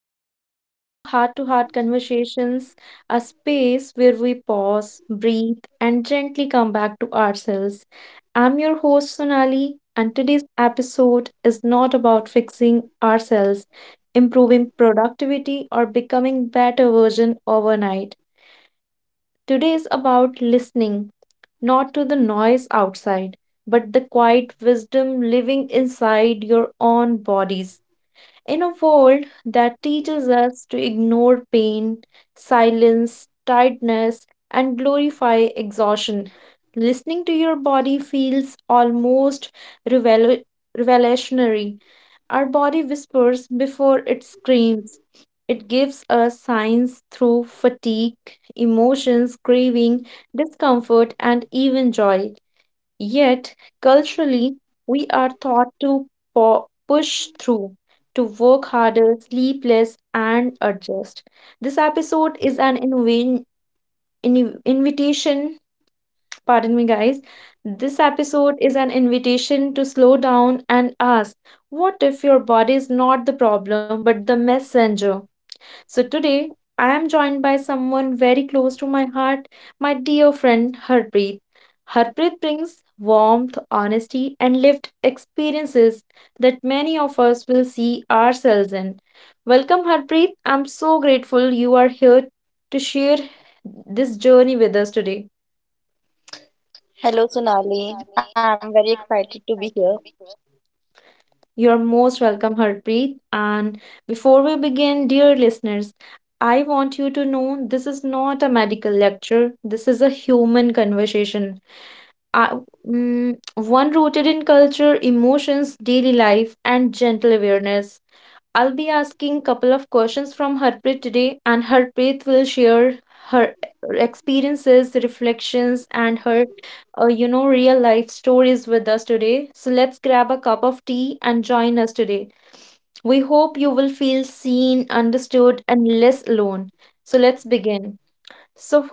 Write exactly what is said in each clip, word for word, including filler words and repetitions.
Welcome back to Heart to Heart Conversations, a space where we pause, breathe, and gently come back to ourselves. I'm your host, Sonali, and today's episode is not about fixing ourselves, improving productivity, or becoming better version overnight. Today is about listening, not to the noise outside, but the quiet wisdom living inside your own bodies. In a world that teaches us to ignore pain, silence, tiredness, and glorify exhaustion, listening to your body feels almost revelu- revolutionary. Our body whispers before it screams. It gives us signs through fatigue, emotions, craving, discomfort, and even joy. Yet, culturally, we are taught to po- push through, to work harder, sleep less, and adjust. This episode is an invi- in- invitation, pardon me, guys. This episode is an invitation to slow down and ask, what if your body is not the problem but the messenger? So today, I am joined by someone very close to my heart, my dear friend Harpreet. Harpreet brings warmth, honesty, and lived experiences that many of us will see ourselves in. Welcome, Harpreet. I'm so grateful you are here to share this journey with us today. Hello, Sonali. I'm very excited to be here. You're most welcome, Harpreet. And before we begin, dear listeners, I want you to know this is not a medical lecture. This is a human conversation. Uh, mm, One rooted in culture, emotions, daily life, and gentle awareness. I'll be asking couple of questions from Harpreet today, and Harpreet will share her uh, experiences, reflections, and her, uh, you know, real life stories with us today. So let's grab a cup of tea and join us today. We hope you will feel seen, understood, and less alone. So let's begin. So,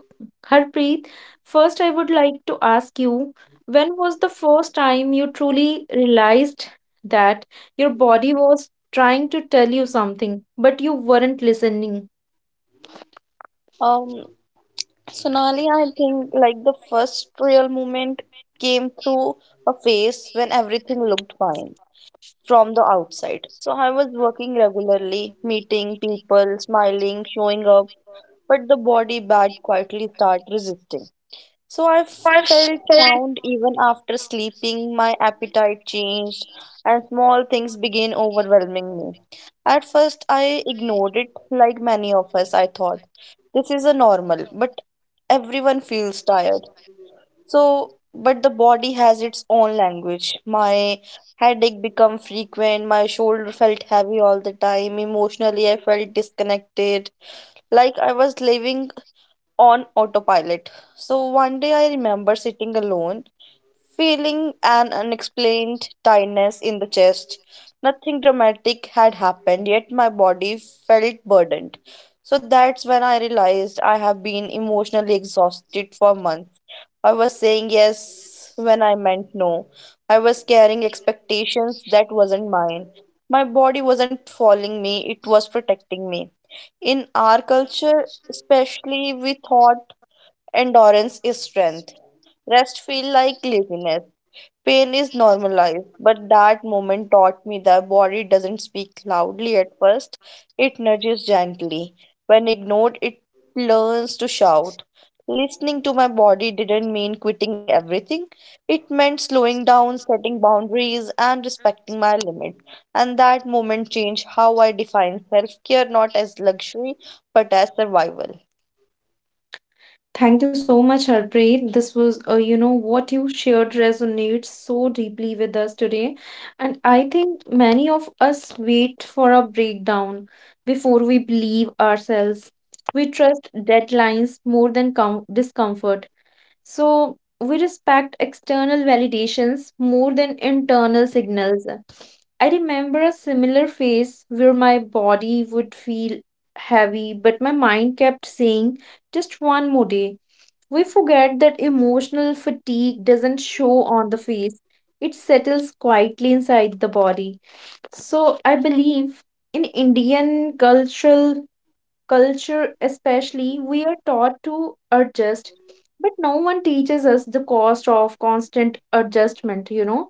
Harpreet, first I would like to ask you, when was the first time you truly realized that your body was trying to tell you something, but you weren't listening? Um, Sonali, I think like the first real moment came through a phase when everything looked fine from the outside. So I was working regularly, meeting people, smiling, showing up, but the body bad quietly start resisting. So I felt found even after sleeping, my appetite changed, and small things began overwhelming me. At first, I ignored it, like many of us, I thought. This is a normal, but everyone feels tired. So, but the body has its own language. My headache became frequent, my shoulder felt heavy all the time, emotionally, I felt disconnected, like I was living on autopilot. So one day I remember sitting alone, feeling an unexplained tightness in the chest. Nothing dramatic had happened, yet my body felt burdened. So that's when I realized I have been emotionally exhausted for months. I was saying yes when I meant no. I was carrying expectations that wasn't mine. My body wasn't following me, it was protecting me. In our culture, especially, we thought endurance is strength. Rest feel like laziness. Pain is normalized, but that moment taught me the body doesn't speak loudly at first. It nudges gently. When ignored, it learns to shout. Listening to my body didn't mean quitting everything. It meant slowing down, setting boundaries, and respecting my limits. And that moment changed how I define self care, not as luxury but as survival. Thank you so much, Harpreet. This was, uh, you know, what you shared resonates so deeply with us today. And I think many of us wait for a breakdown before we believe ourselves. We trust deadlines more than com- discomfort. So we respect external validations more than internal signals. I remember a similar phase where my body would feel heavy, but my mind kept saying, just one more day. We forget that emotional fatigue doesn't show on the face, it settles quietly inside the body. So, I believe in Indian cultural culture, especially, we are taught to adjust, but no one teaches us the cost of constant adjustment, you know.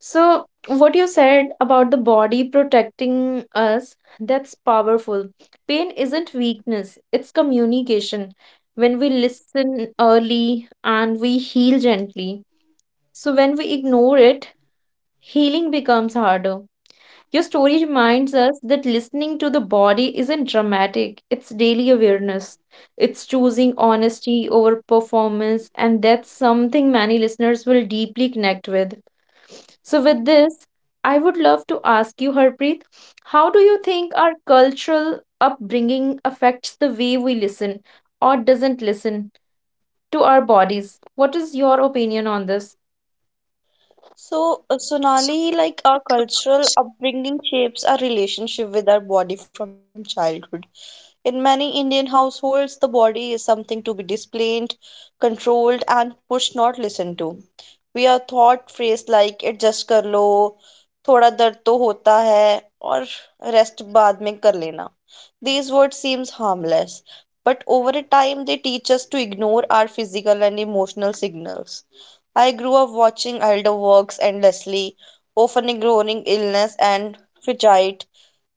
So, what you said about the body protecting us, that's powerful. Pain isn't weakness, it's communication. When we listen early and we heal gently. So, when we ignore it, healing becomes harder. Your story reminds us that listening to the body isn't dramatic, it's daily awareness. It's choosing honesty over performance, and that's something many listeners will deeply connect with. So, with this, I would love to ask you, Harpreet, how do you think our cultural upbringing affects the way we listen or doesn't listen to our bodies? What is your opinion on this? So, uh, Sonali, like our cultural upbringing shapes our relationship with our body from childhood. In many Indian households, the body is something to be displayed, controlled, and pushed, not listened to. We are taught phrase like adjust कर लो, थोड़ा दर्द तो होता है, और rest बाद में कर लेना. These words seems harmless, but over a time they teach us to ignore our physical and emotional signals. I grew up watching elder works endlessly, often ignoring illness and fatigue.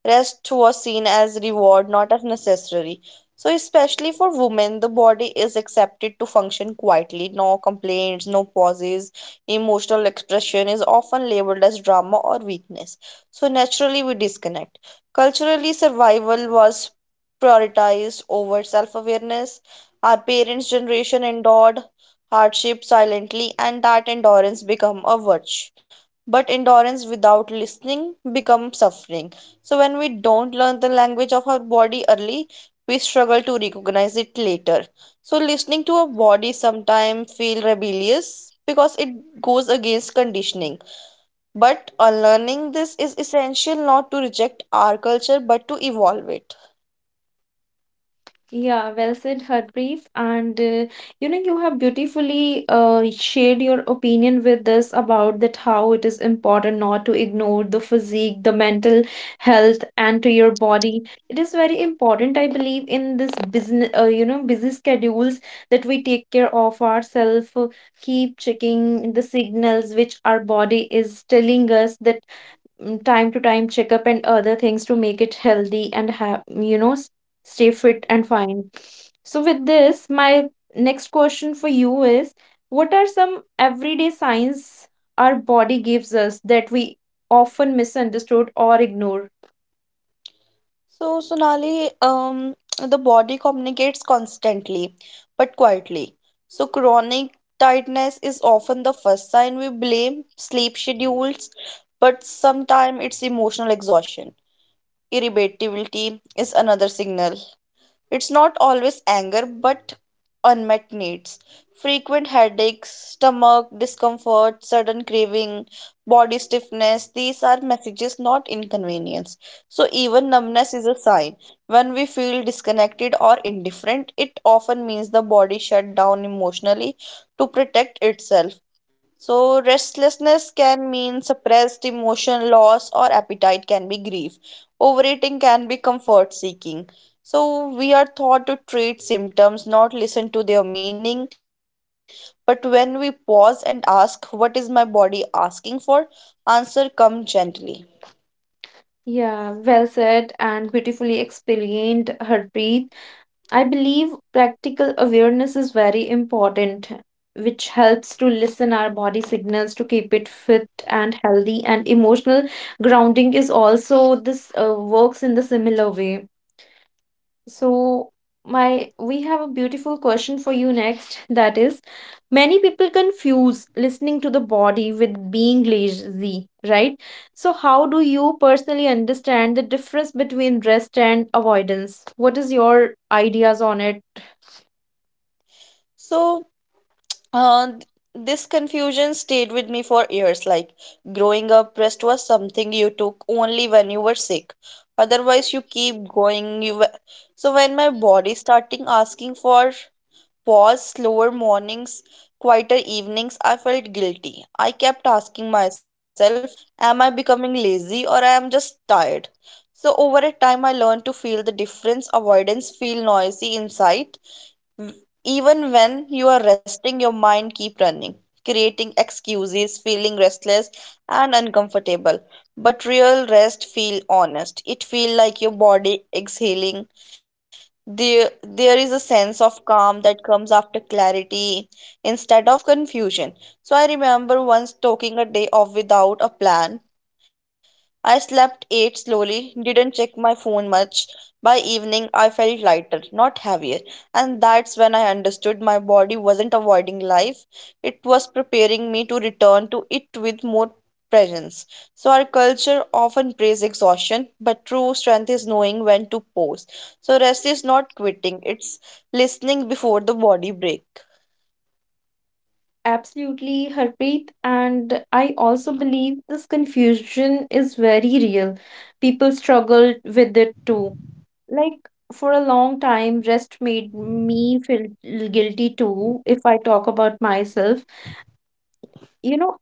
Rest was seen as reward, not as necessary. So, especially for women, the body is accepted to function quietly. No complaints, no pauses. Emotional expression is often labeled as drama or weakness. So, naturally, we disconnect. Culturally, survival was prioritized over self awareness. Our parents' generation endured hardship silently, and that endurance became a virtue. But endurance without listening becomes suffering. So, when we don't learn the language of our body early, we struggle to recognize it later. So, listening to our body sometimes feel rebellious because it goes against conditioning. But unlearning this is essential, not to reject our culture but to evolve it. Yeah, well said, Harpreet. And uh, you know, you have beautifully uh, shared your opinion with us about that how it is important not to ignore the physique, the mental health, and to your body. It is very important, I believe, in this business, uh, you know, busy schedules that we take care of ourselves, keep checking the signals which our body is telling us that mm, time to time checkup and other things to make it healthy and have you know s- stay fit and fine. So with this, my next question for you is, what are some everyday signs our body gives us that we often misunderstood or ignore? So, Sonali, um, the body communicates constantly but quietly. So, chronic tiredness is often the first sign. We blame sleep schedules, but sometimes it's emotional exhaustion. Irritability is another signal. It's not always anger, but unmet needs. Frequent headaches, stomach discomfort, sudden craving, body stiffness, these are messages, not inconvenience. So, even numbness is a sign. When we feel disconnected or indifferent, it often means the body shut down emotionally to protect itself. So, restlessness can mean suppressed emotion, loss, or appetite can be grief. Overeating can be comfort seeking. So we are taught to treat symptoms, not listen to their meaning. But when we pause and ask, what is my body asking for? Answer come gently. Yeah, well said and beautifully explained, Harpreet. I believe practical awareness is very important, which helps to listen our body signals to keep it fit and healthy. And emotional grounding is also this uh, works in the similar way. So my we have a beautiful question for you next. That is, many people confuse listening to the body with being lazy, right? So how do you personally understand the difference between rest and avoidance? What is your ideas on it? So uh, th- this confusion stayed with me for years. Like growing up, rest was something you took only when you were sick. Otherwise, you keep going. You w- so when my body starting asking for pause, slower mornings, quieter evenings, I felt guilty. I kept asking myself, am I becoming lazy or I am just tired? So over a time I learned to feel the difference. Avoidance feel noisy inside. Even when you are resting, your mind keep running, creating excuses, feeling restless and uncomfortable. But real rest feel honest. It feel like your body exhaling. There, there is a sense of calm that comes after clarity instead of confusion. So I remember once talking a day off without a plan. I slept, ate slowly, didn't check my phone much. By evening, I felt lighter, not heavier, and that's when I understood my body wasn't avoiding life, it was preparing me to return to it with more presence. So, our culture often prays exhaustion, but true strength is knowing when to pause. So, rest is not quitting, it's listening before the body break. Absolutely, Harpreet. And I also believe this confusion is very real. People struggle with it too. Like, for a long time, rest made me feel guilty too, if I talk about myself. You know,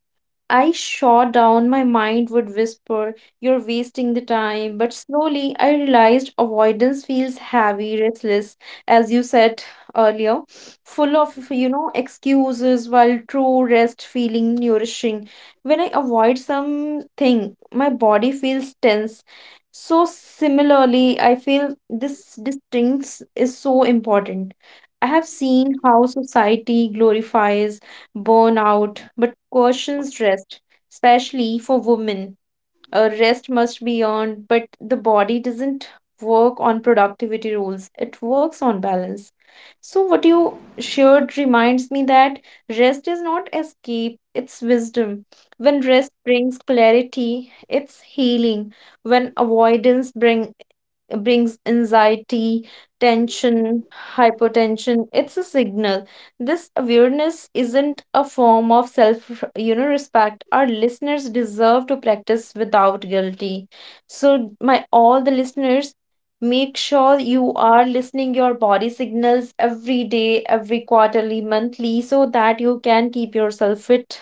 I shot down, my mind would whisper, you're wasting the time. But slowly I realized avoidance feels heavy, restless, as you said earlier, full of, you know, excuses, while true rest feeling nourishing. When I avoid something, my body feels tense. So similarly, I feel this distinct is so important. I have seen how society glorifies burnout, but cautions rest, especially for women. Uh, rest must be earned, but the body doesn't work on productivity rules, it works on balance. So, what you shared reminds me that rest is not escape, it's wisdom. When rest brings clarity, it's healing. When avoidance bring, brings anxiety, tension, hypertension. It's a signal. This awareness isn't a form of self, you know, respect. Our listeners deserve to practice without guilty. So, my all the listeners, make sure you are listening your body signals every day, every quarterly, monthly, so that you can keep yourself fit.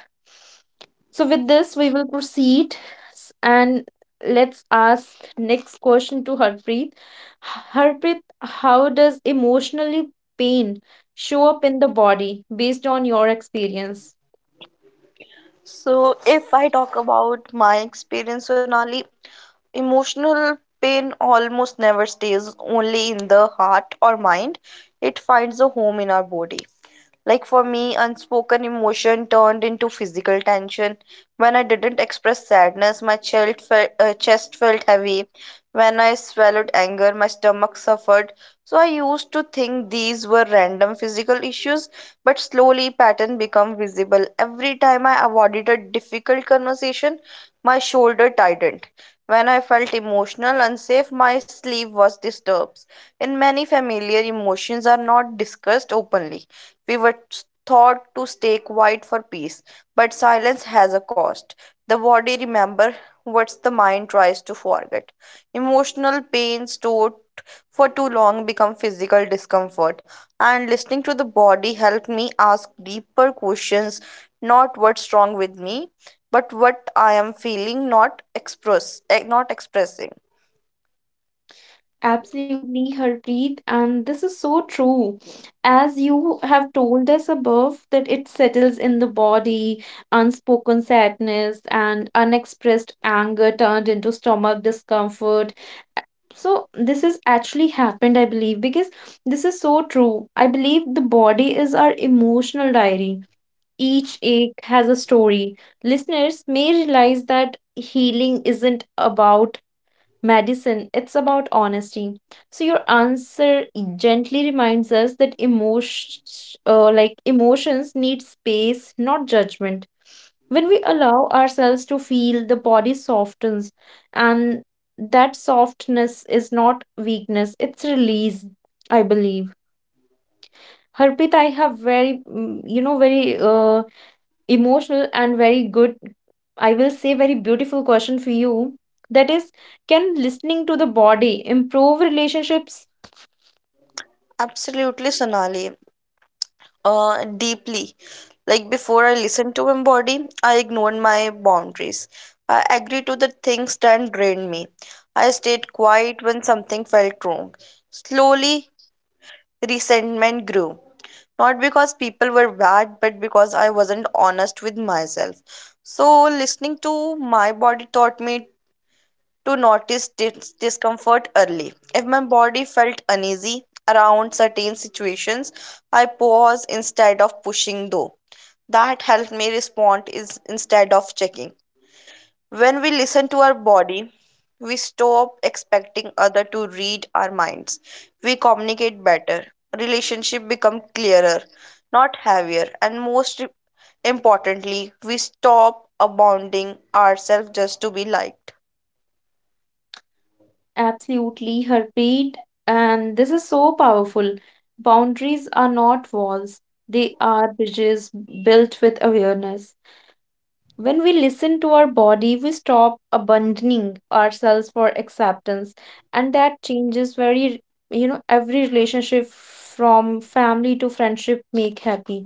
So with this, we will proceed s- and let's ask next question to Harpreet. H- Harpreet, how does emotionally pain show up in the body based on your experience? So, if I talk about my experience, Sonali, emotional pain almost never stays only in the heart or mind, it finds a home in our body. Like for me, unspoken emotion turned into physical tension. When I didn't express sadness, my chest felt, uh, chest felt heavy. When I swallowed anger, my stomach suffered. So I used to think these were random physical issues, but slowly pattern become visible. Every time I avoided a difficult conversation, my shoulder tightened. When I felt emotional, unsafe, my sleeve was disturbed. In many familiar emotions are not discussed openly. We were thought to stay quiet for peace, but silence has a cost. The body remembers what the mind tries to forget. Emotional pain stored for too long become physical discomfort, and listening to the body helped me ask deeper questions, not what's wrong with me, but what I am feeling, not express, eh, not expressing. Absolutely, Harpreet, and this is so true. As you have told us above, that it settles in the body, unspoken sadness and unexpressed anger turned into stomach discomfort. So this has actually happened, I believe, because this is so true. I believe the body is our emotional diary. Each ache has a story. Listeners may realize that healing isn't about medicine, it's about honesty. So your answer gently reminds us that emotion, uh, like emotions need space, not judgment. When we allow ourselves to feel, the body softens, and that softness is not weakness, it's release, I believe. Harpreet, I have very, mm, you know, very uh, emotional and very good, I will say, very beautiful question for you. That is, can listening to the body improve relationships? Absolutely, Sonali. Uh, deeply. Like before I listened to embody, I ignored my boundaries. I agreed to the things that drained me. I stayed quiet when something felt wrong. Slowly, resentment grew. Not because people were bad, but because I wasn't honest with myself. So, listening to my body taught me to notice dis- discomfort early. If my body felt uneasy around certain situations, I paused instead of pushing though. That helped me respond is instead of checking. When we listen to our body, we stop expecting other to read our minds. We communicate better. Relationship become clearer, not heavier, and most importantly, we stop abounding ourselves just to be liked. Absolutely, Harpreet. And this is so powerful. Boundaries are not walls, they are bridges built with awareness. When we listen to our body, we stop abandoning ourselves for acceptance. And that changes very, you know, every relationship from family to friendship make happy,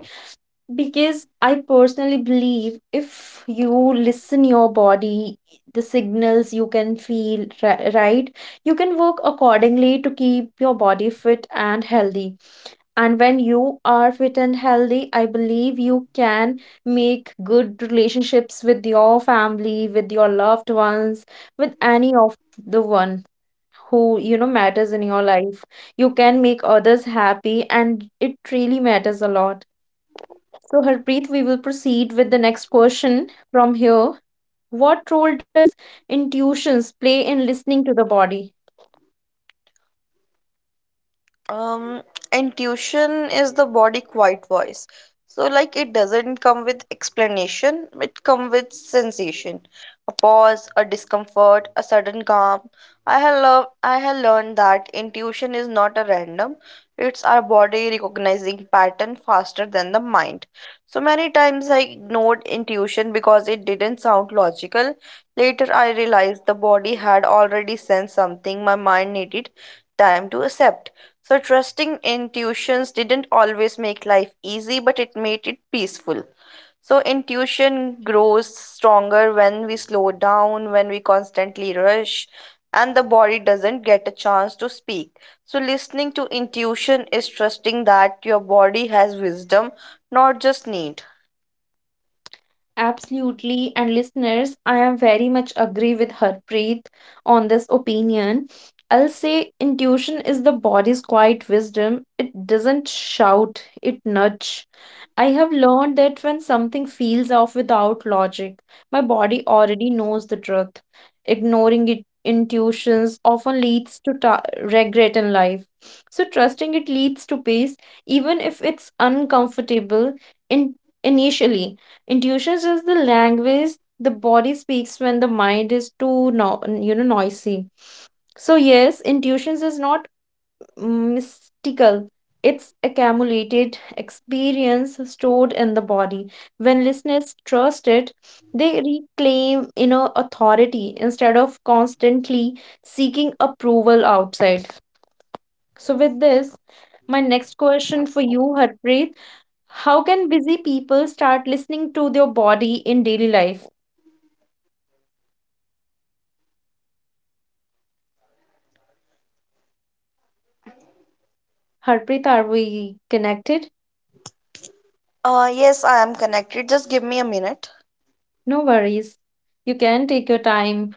because I personally believe if you listen your body the signals you can feel ri- right, you can work accordingly to keep your body fit and healthy. And when you are fit and healthy, I believe you can make good relationships with your family, with your loved ones, with any of the one who, you know, matters in your life. You can make others happy and it really matters a lot. So, Harpreet, we will proceed with the next question from here. What role does intuitions play in listening to the body? um intuition is the body quiet voice. So like it doesn't come with explanation, it comes with sensation, a pause, a discomfort, a sudden calm. I have learned i have learned that intuition is not a random, it's our body recognizing pattern faster than the mind. So many times I ignored intuition because it didn't sound logical. Later I realized the body had already sensed something my mind needed time to accept. So, trusting intuitions didn't always make life easy, but it made it peaceful. So, intuition grows stronger when we slow down. When we constantly rush, and the body doesn't get a chance to speak. So, listening to intuition is trusting that your body has wisdom, not just need. Absolutely, and listeners, I am very much agree with Harpreet on this opinion. I'll say intuition is the body's quiet wisdom. It doesn't shout, it nudge. I have learned that when something feels off without logic, my body already knows the truth. Ignoring it intuitions often leads to ta- regret in life. So trusting it leads to peace, even if it's uncomfortable in initially. Intuition is the language the body speaks when the mind is too no, you know noisy. So yes, intuition is not mystical. It's accumulated experience stored in the body. When listeners trust it, they reclaim inner authority instead of constantly seeking approval outside. So with this, my next question for you, Harpreet, how can busy people start listening to their body in daily life? Harpreet, are we connected? Uh, yes, I am connected. Just give me a minute. No worries. You can take your time.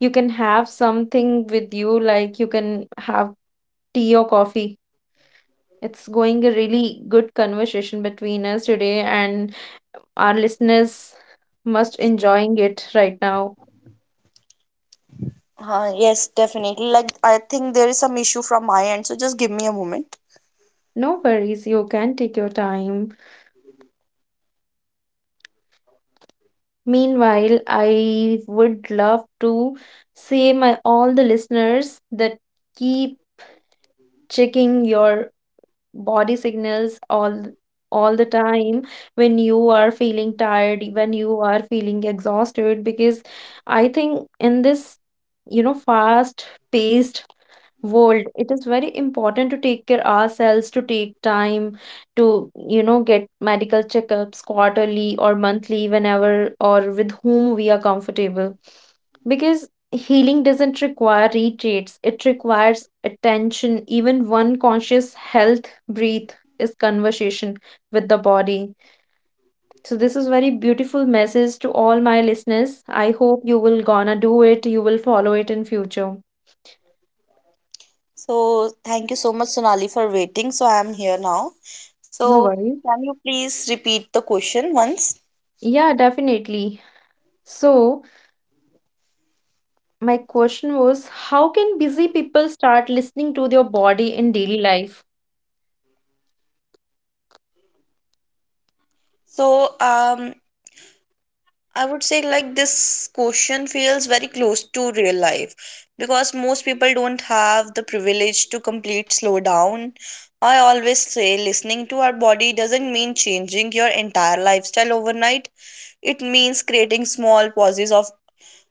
You can have something with you, like you can have tea or coffee. It's going a really good conversation between us today, and our listeners must enjoying it right now. Uh, yes, definitely. Like, I think there is some issue from my end, so just give me a moment. No worries, you can take your time. Meanwhile, I would love to say my all the listeners that keep checking your body signals all all the time when you are feeling tired, when you are feeling exhausted, because I think in this, you know, fast paced world, it is very important to take care ourselves, to take time to, you know, get medical checkups quarterly or monthly whenever or with whom we are comfortable, because healing doesn't require retreats, it requires attention. Even one conscious health breath is conversation with the body. So this is very beautiful message to all my listeners. I hope you will gonna do it, you will follow it in future. So, thank you so much, Sonali, for waiting. So, I am here now. No So, worries. can you please repeat the question once? Yeah, definitely. So, my question was, how can busy people start listening to their body in daily life? So, um, I would say like this question feels very close to real life because most people don't have the privilege to complete slow down. I always say listening to our body doesn't mean changing your entire lifestyle overnight. It means creating small pauses of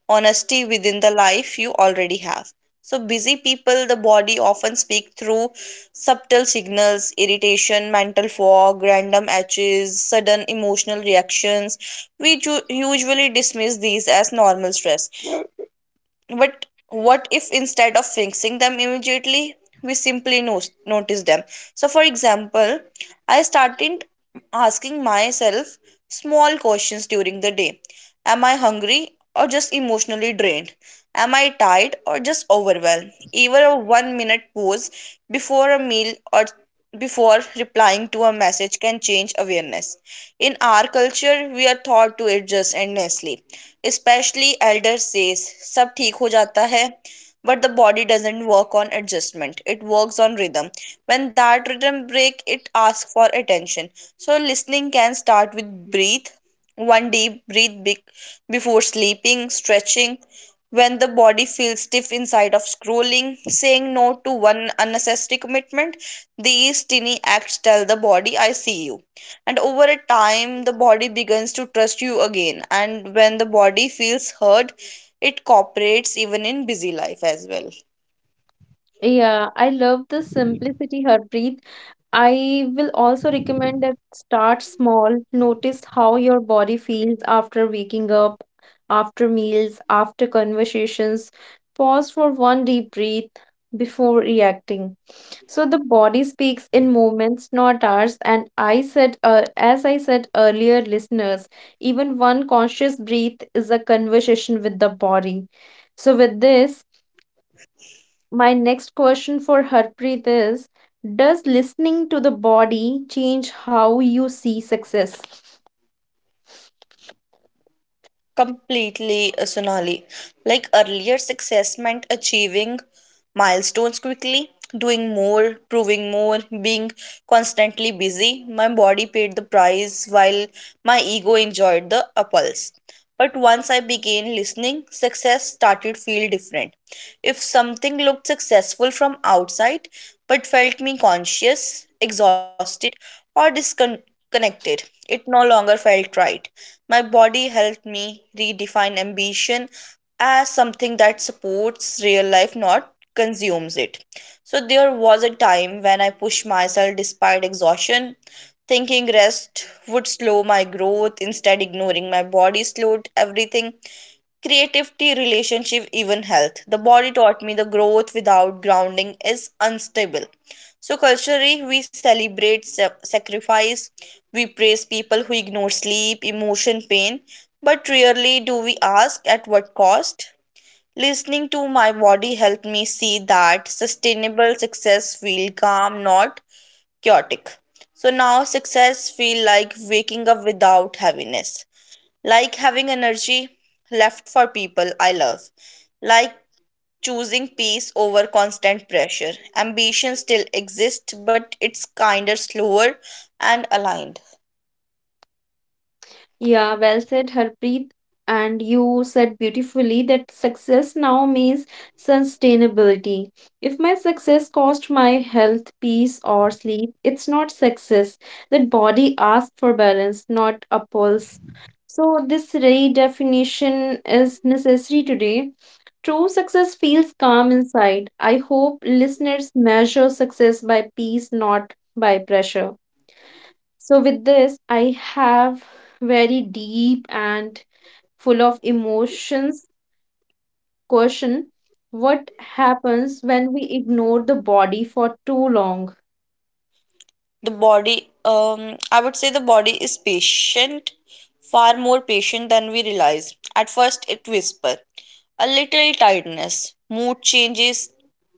honesty within the life you already have. So, busy people, the body often speak through subtle signals, irritation, mental fog, random edges, sudden emotional reactions. We ju- usually dismiss these as normal stress, but what if instead of fixing them immediately, we simply no- notice them? So, for example, I started asking myself small questions during the day. Am I hungry or just emotionally drained? Am I tired or just overwhelmed? Even a one minute pause before a meal or before replying to a message can change awareness. In our culture, we are taught to adjust endlessly. Specially elder says सब ठीक हो जाता है. But the body doesn't work on adjustment. It works on rhythm. When that rhythm break, it asks for attention. So listening can start with breathe, one deep breathe big before sleeping, stretching when the body feels stiff inside of scrolling, saying no to one unnecessary commitment. These tiny acts tell the body, I see you, and over a time the body begins to trust you again, and when the body feels heard, it cooperates even in busy life as well. Yeah, I love the simplicity, Harpreet. I will also recommend that start small. Notice how your body feels after waking up, after meals, after conversations. Pause for one deep breath before reacting. So the body speaks in moments, not hours. And I said, uh, as I said earlier, listeners, even one conscious breath is a conversation with the body. So with this, my next question for Harpreet is, does listening to the body change how you see success? Completely, uh, Sonali. Like earlier success meant achieving milestones quickly, doing more, proving more, being constantly busy. My body paid the price while my ego enjoyed the apples. But once I began listening, success started feel different. If something looked successful from outside but felt me conscious, exhausted, or disconnected, it no longer felt right. My body helped me redefine ambition as something that supports real life, not consumes it. So there was a time when I pushed myself despite exhaustion, thinking rest would slow my growth. Instead, ignoring my body slowed everything. Creativity, relationship, even health. The body taught me the growth without grounding is unstable. So, culturally, we celebrate sa- sacrifice, we praise people who ignore sleep, emotion, pain, but rarely do we ask at what cost. Listening to my body helped me see that sustainable success feel calm, not chaotic. So now success feels like waking up without heaviness, like having energy left for people I love, like choosing peace over constant pressure. Ambition still exists, but it's kinder, slower, and aligned. Yeah, well said, Harpreet. And you said beautifully that success now means sustainability. If my success cost my health, peace, or sleep, it's not success. That body asks for balance, not a pulse. So, this redefinition is necessary today. True success feels calm inside. I hope listeners measure success by peace, not by pressure. So, with this, I have very deep and full of emotions question, what happens when we ignore the body for too long. The body, um I would say the body is patient, far more patient than we realize. At first it whispers, a little tiredness, mood changes,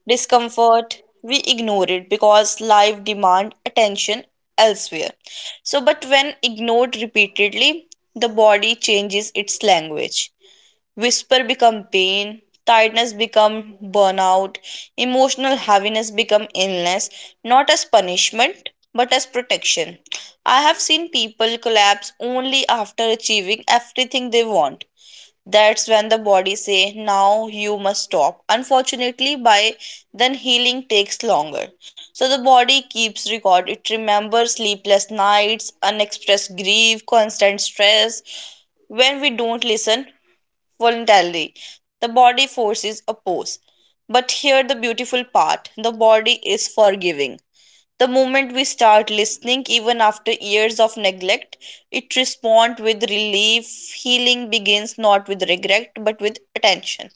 discomfort. We ignore it because life demand attention elsewhere. So but when ignored repeatedly, the body changes its language. Whisper become pain, tiredness become burnout, emotional heaviness become illness, not as punishment but as protection. I have seen people collapse only after achieving everything they want. That's when the body say now you must stop. Unfortunately by then healing takes longer. So the body keeps record. It remembers sleepless nights, unexpressed grief, constant stress. When we don't listen voluntarily, the body forces a pose. But here the beautiful part: the body is forgiving. The moment we start listening, even after years of neglect, it responds with relief. Healing begins not with regret but with attention.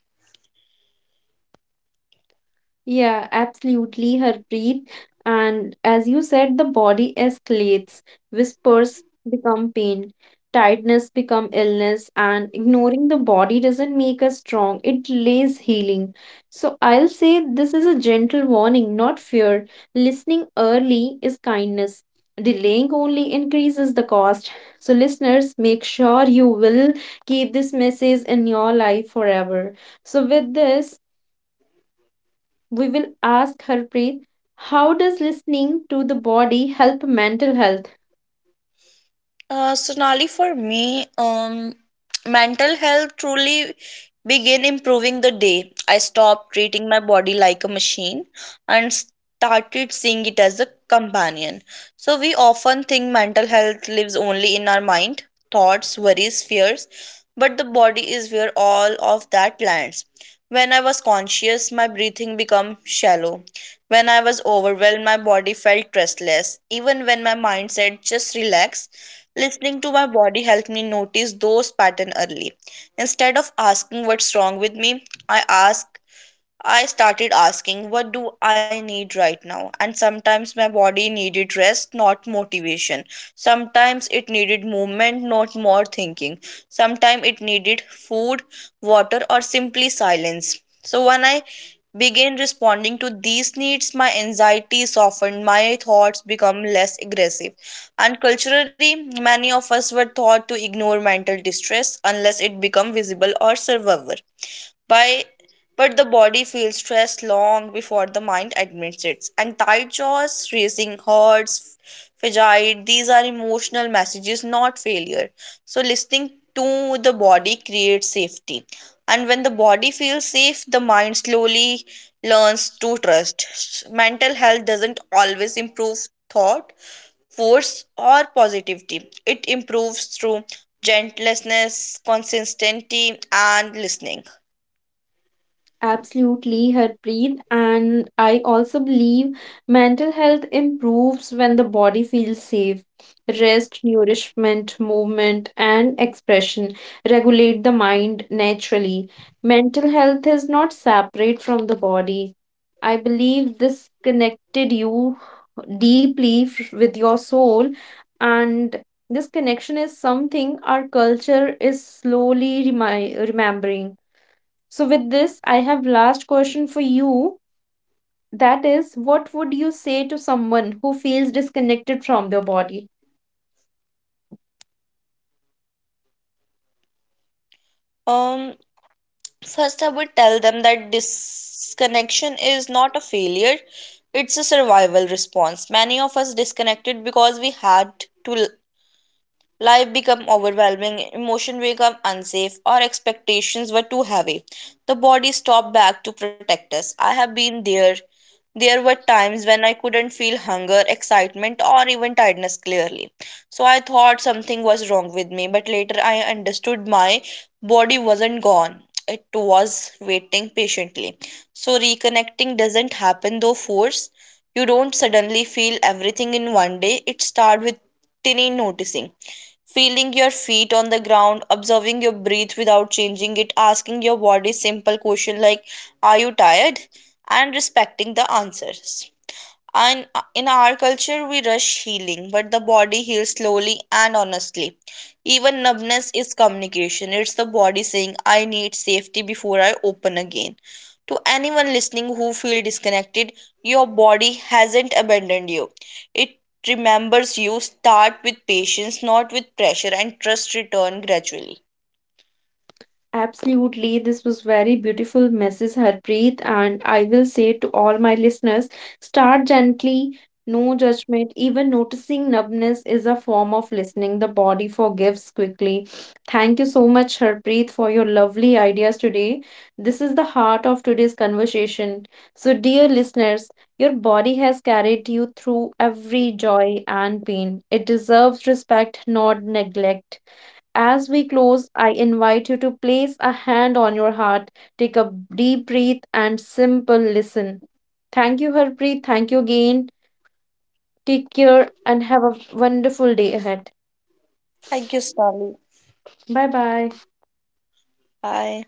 Yeah, absolutely. Her breath, and as you said, the body escalates. Whispers become pain, tiredness become illness, and ignoring the body doesn't make us strong. It delays healing. So I'll say this is a gentle warning, not fear. Listening early is kindness. Delaying only increases the cost. So, listeners, make sure you will keep this message in your life forever. So, with this, we will ask Harpreet, how does listening to the body help mental health? Uh, Sonali, for me, um, mental health truly began improving the day I stopped treating my body like a machine and started seeing it as a companion. So, we often think mental health lives only in our mind, thoughts, worries, fears, but the body is where all of that lands. When I was conscious, my breathing became shallow. When I was overwhelmed, my body felt restless. Even when my mind said, just relax. Listening to my body helped me notice those patterns early. Instead of asking what's wrong with me, I ask I started asking, what do I need right now? And sometimes my body needed rest, not motivation. Sometimes it needed movement, not more thinking. Sometimes it needed food, water, or simply silence. So when I began responding to these needs, my anxiety softened, my thoughts become less aggressive. And culturally, many of us were taught to ignore mental distress unless it become visible or survivable, by but the body feels stress long before the mind admits it. And tight jaws, racing hearts, fatigue, these are emotional messages, not failure. So listening to the body creates safety, and when the body feels safe, the mind slowly learns to trust. Mental health doesn't always improve thought, force, or positivity. It improves through gentleness, consistency, and listening. Absolutely, Harpreet. And I also believe mental health improves when the body feels safe. Rest, nourishment, movement, and expression regulate the mind naturally. Mental health is not separate from the body. I believe this connected you deeply f- with your soul, and this connection is something our culture is slowly remi- remembering. So with this, I have last question for you. That is, what would you say to someone who feels disconnected from their body? Um, First, I would tell them that disconnection is not a failure, it's a survival response. Many of us disconnected because we had to l- life become overwhelming, emotion become unsafe, our expectations were too heavy. The body stopped back to protect us. I have been there. There were times when I couldn't feel hunger, excitement, or even tiredness clearly. So I thought something was wrong with me, but later I understood my body wasn't gone. It was waiting patiently. So reconnecting doesn't happen though force. You don't suddenly feel everything in one day. It starts with tiny noticing, feeling your feet on the ground, observing your breath without changing it, asking your body simple question like, are you tired, and respecting the answers. And uh, in our culture we rush healing, but the body heals slowly and honestly. Even numbness is communication. It's the body saying I need safety before I open again. To anyone listening who feel disconnected, your body hasn't abandoned you. It remembers you. Start with patience, not with pressure, and trust return gradually. Absolutely, this was very beautiful message, Harpreet, and I will say to all my listeners, start gently, no judgment. Even noticing numbness is a form of listening. The body forgives quickly. Thank you so much, Harpreet, for your lovely ideas today. This is the heart of today's conversation. So, dear listeners, your body has carried you through every joy and pain. It deserves respect, not neglect. As we close, I invite you to place a hand on your heart, take a deep breath, and simple listen. Thank you, Harpreet. Thank you again. Take care and have a wonderful day ahead. Thank you, Stanley. Bye bye. Bye.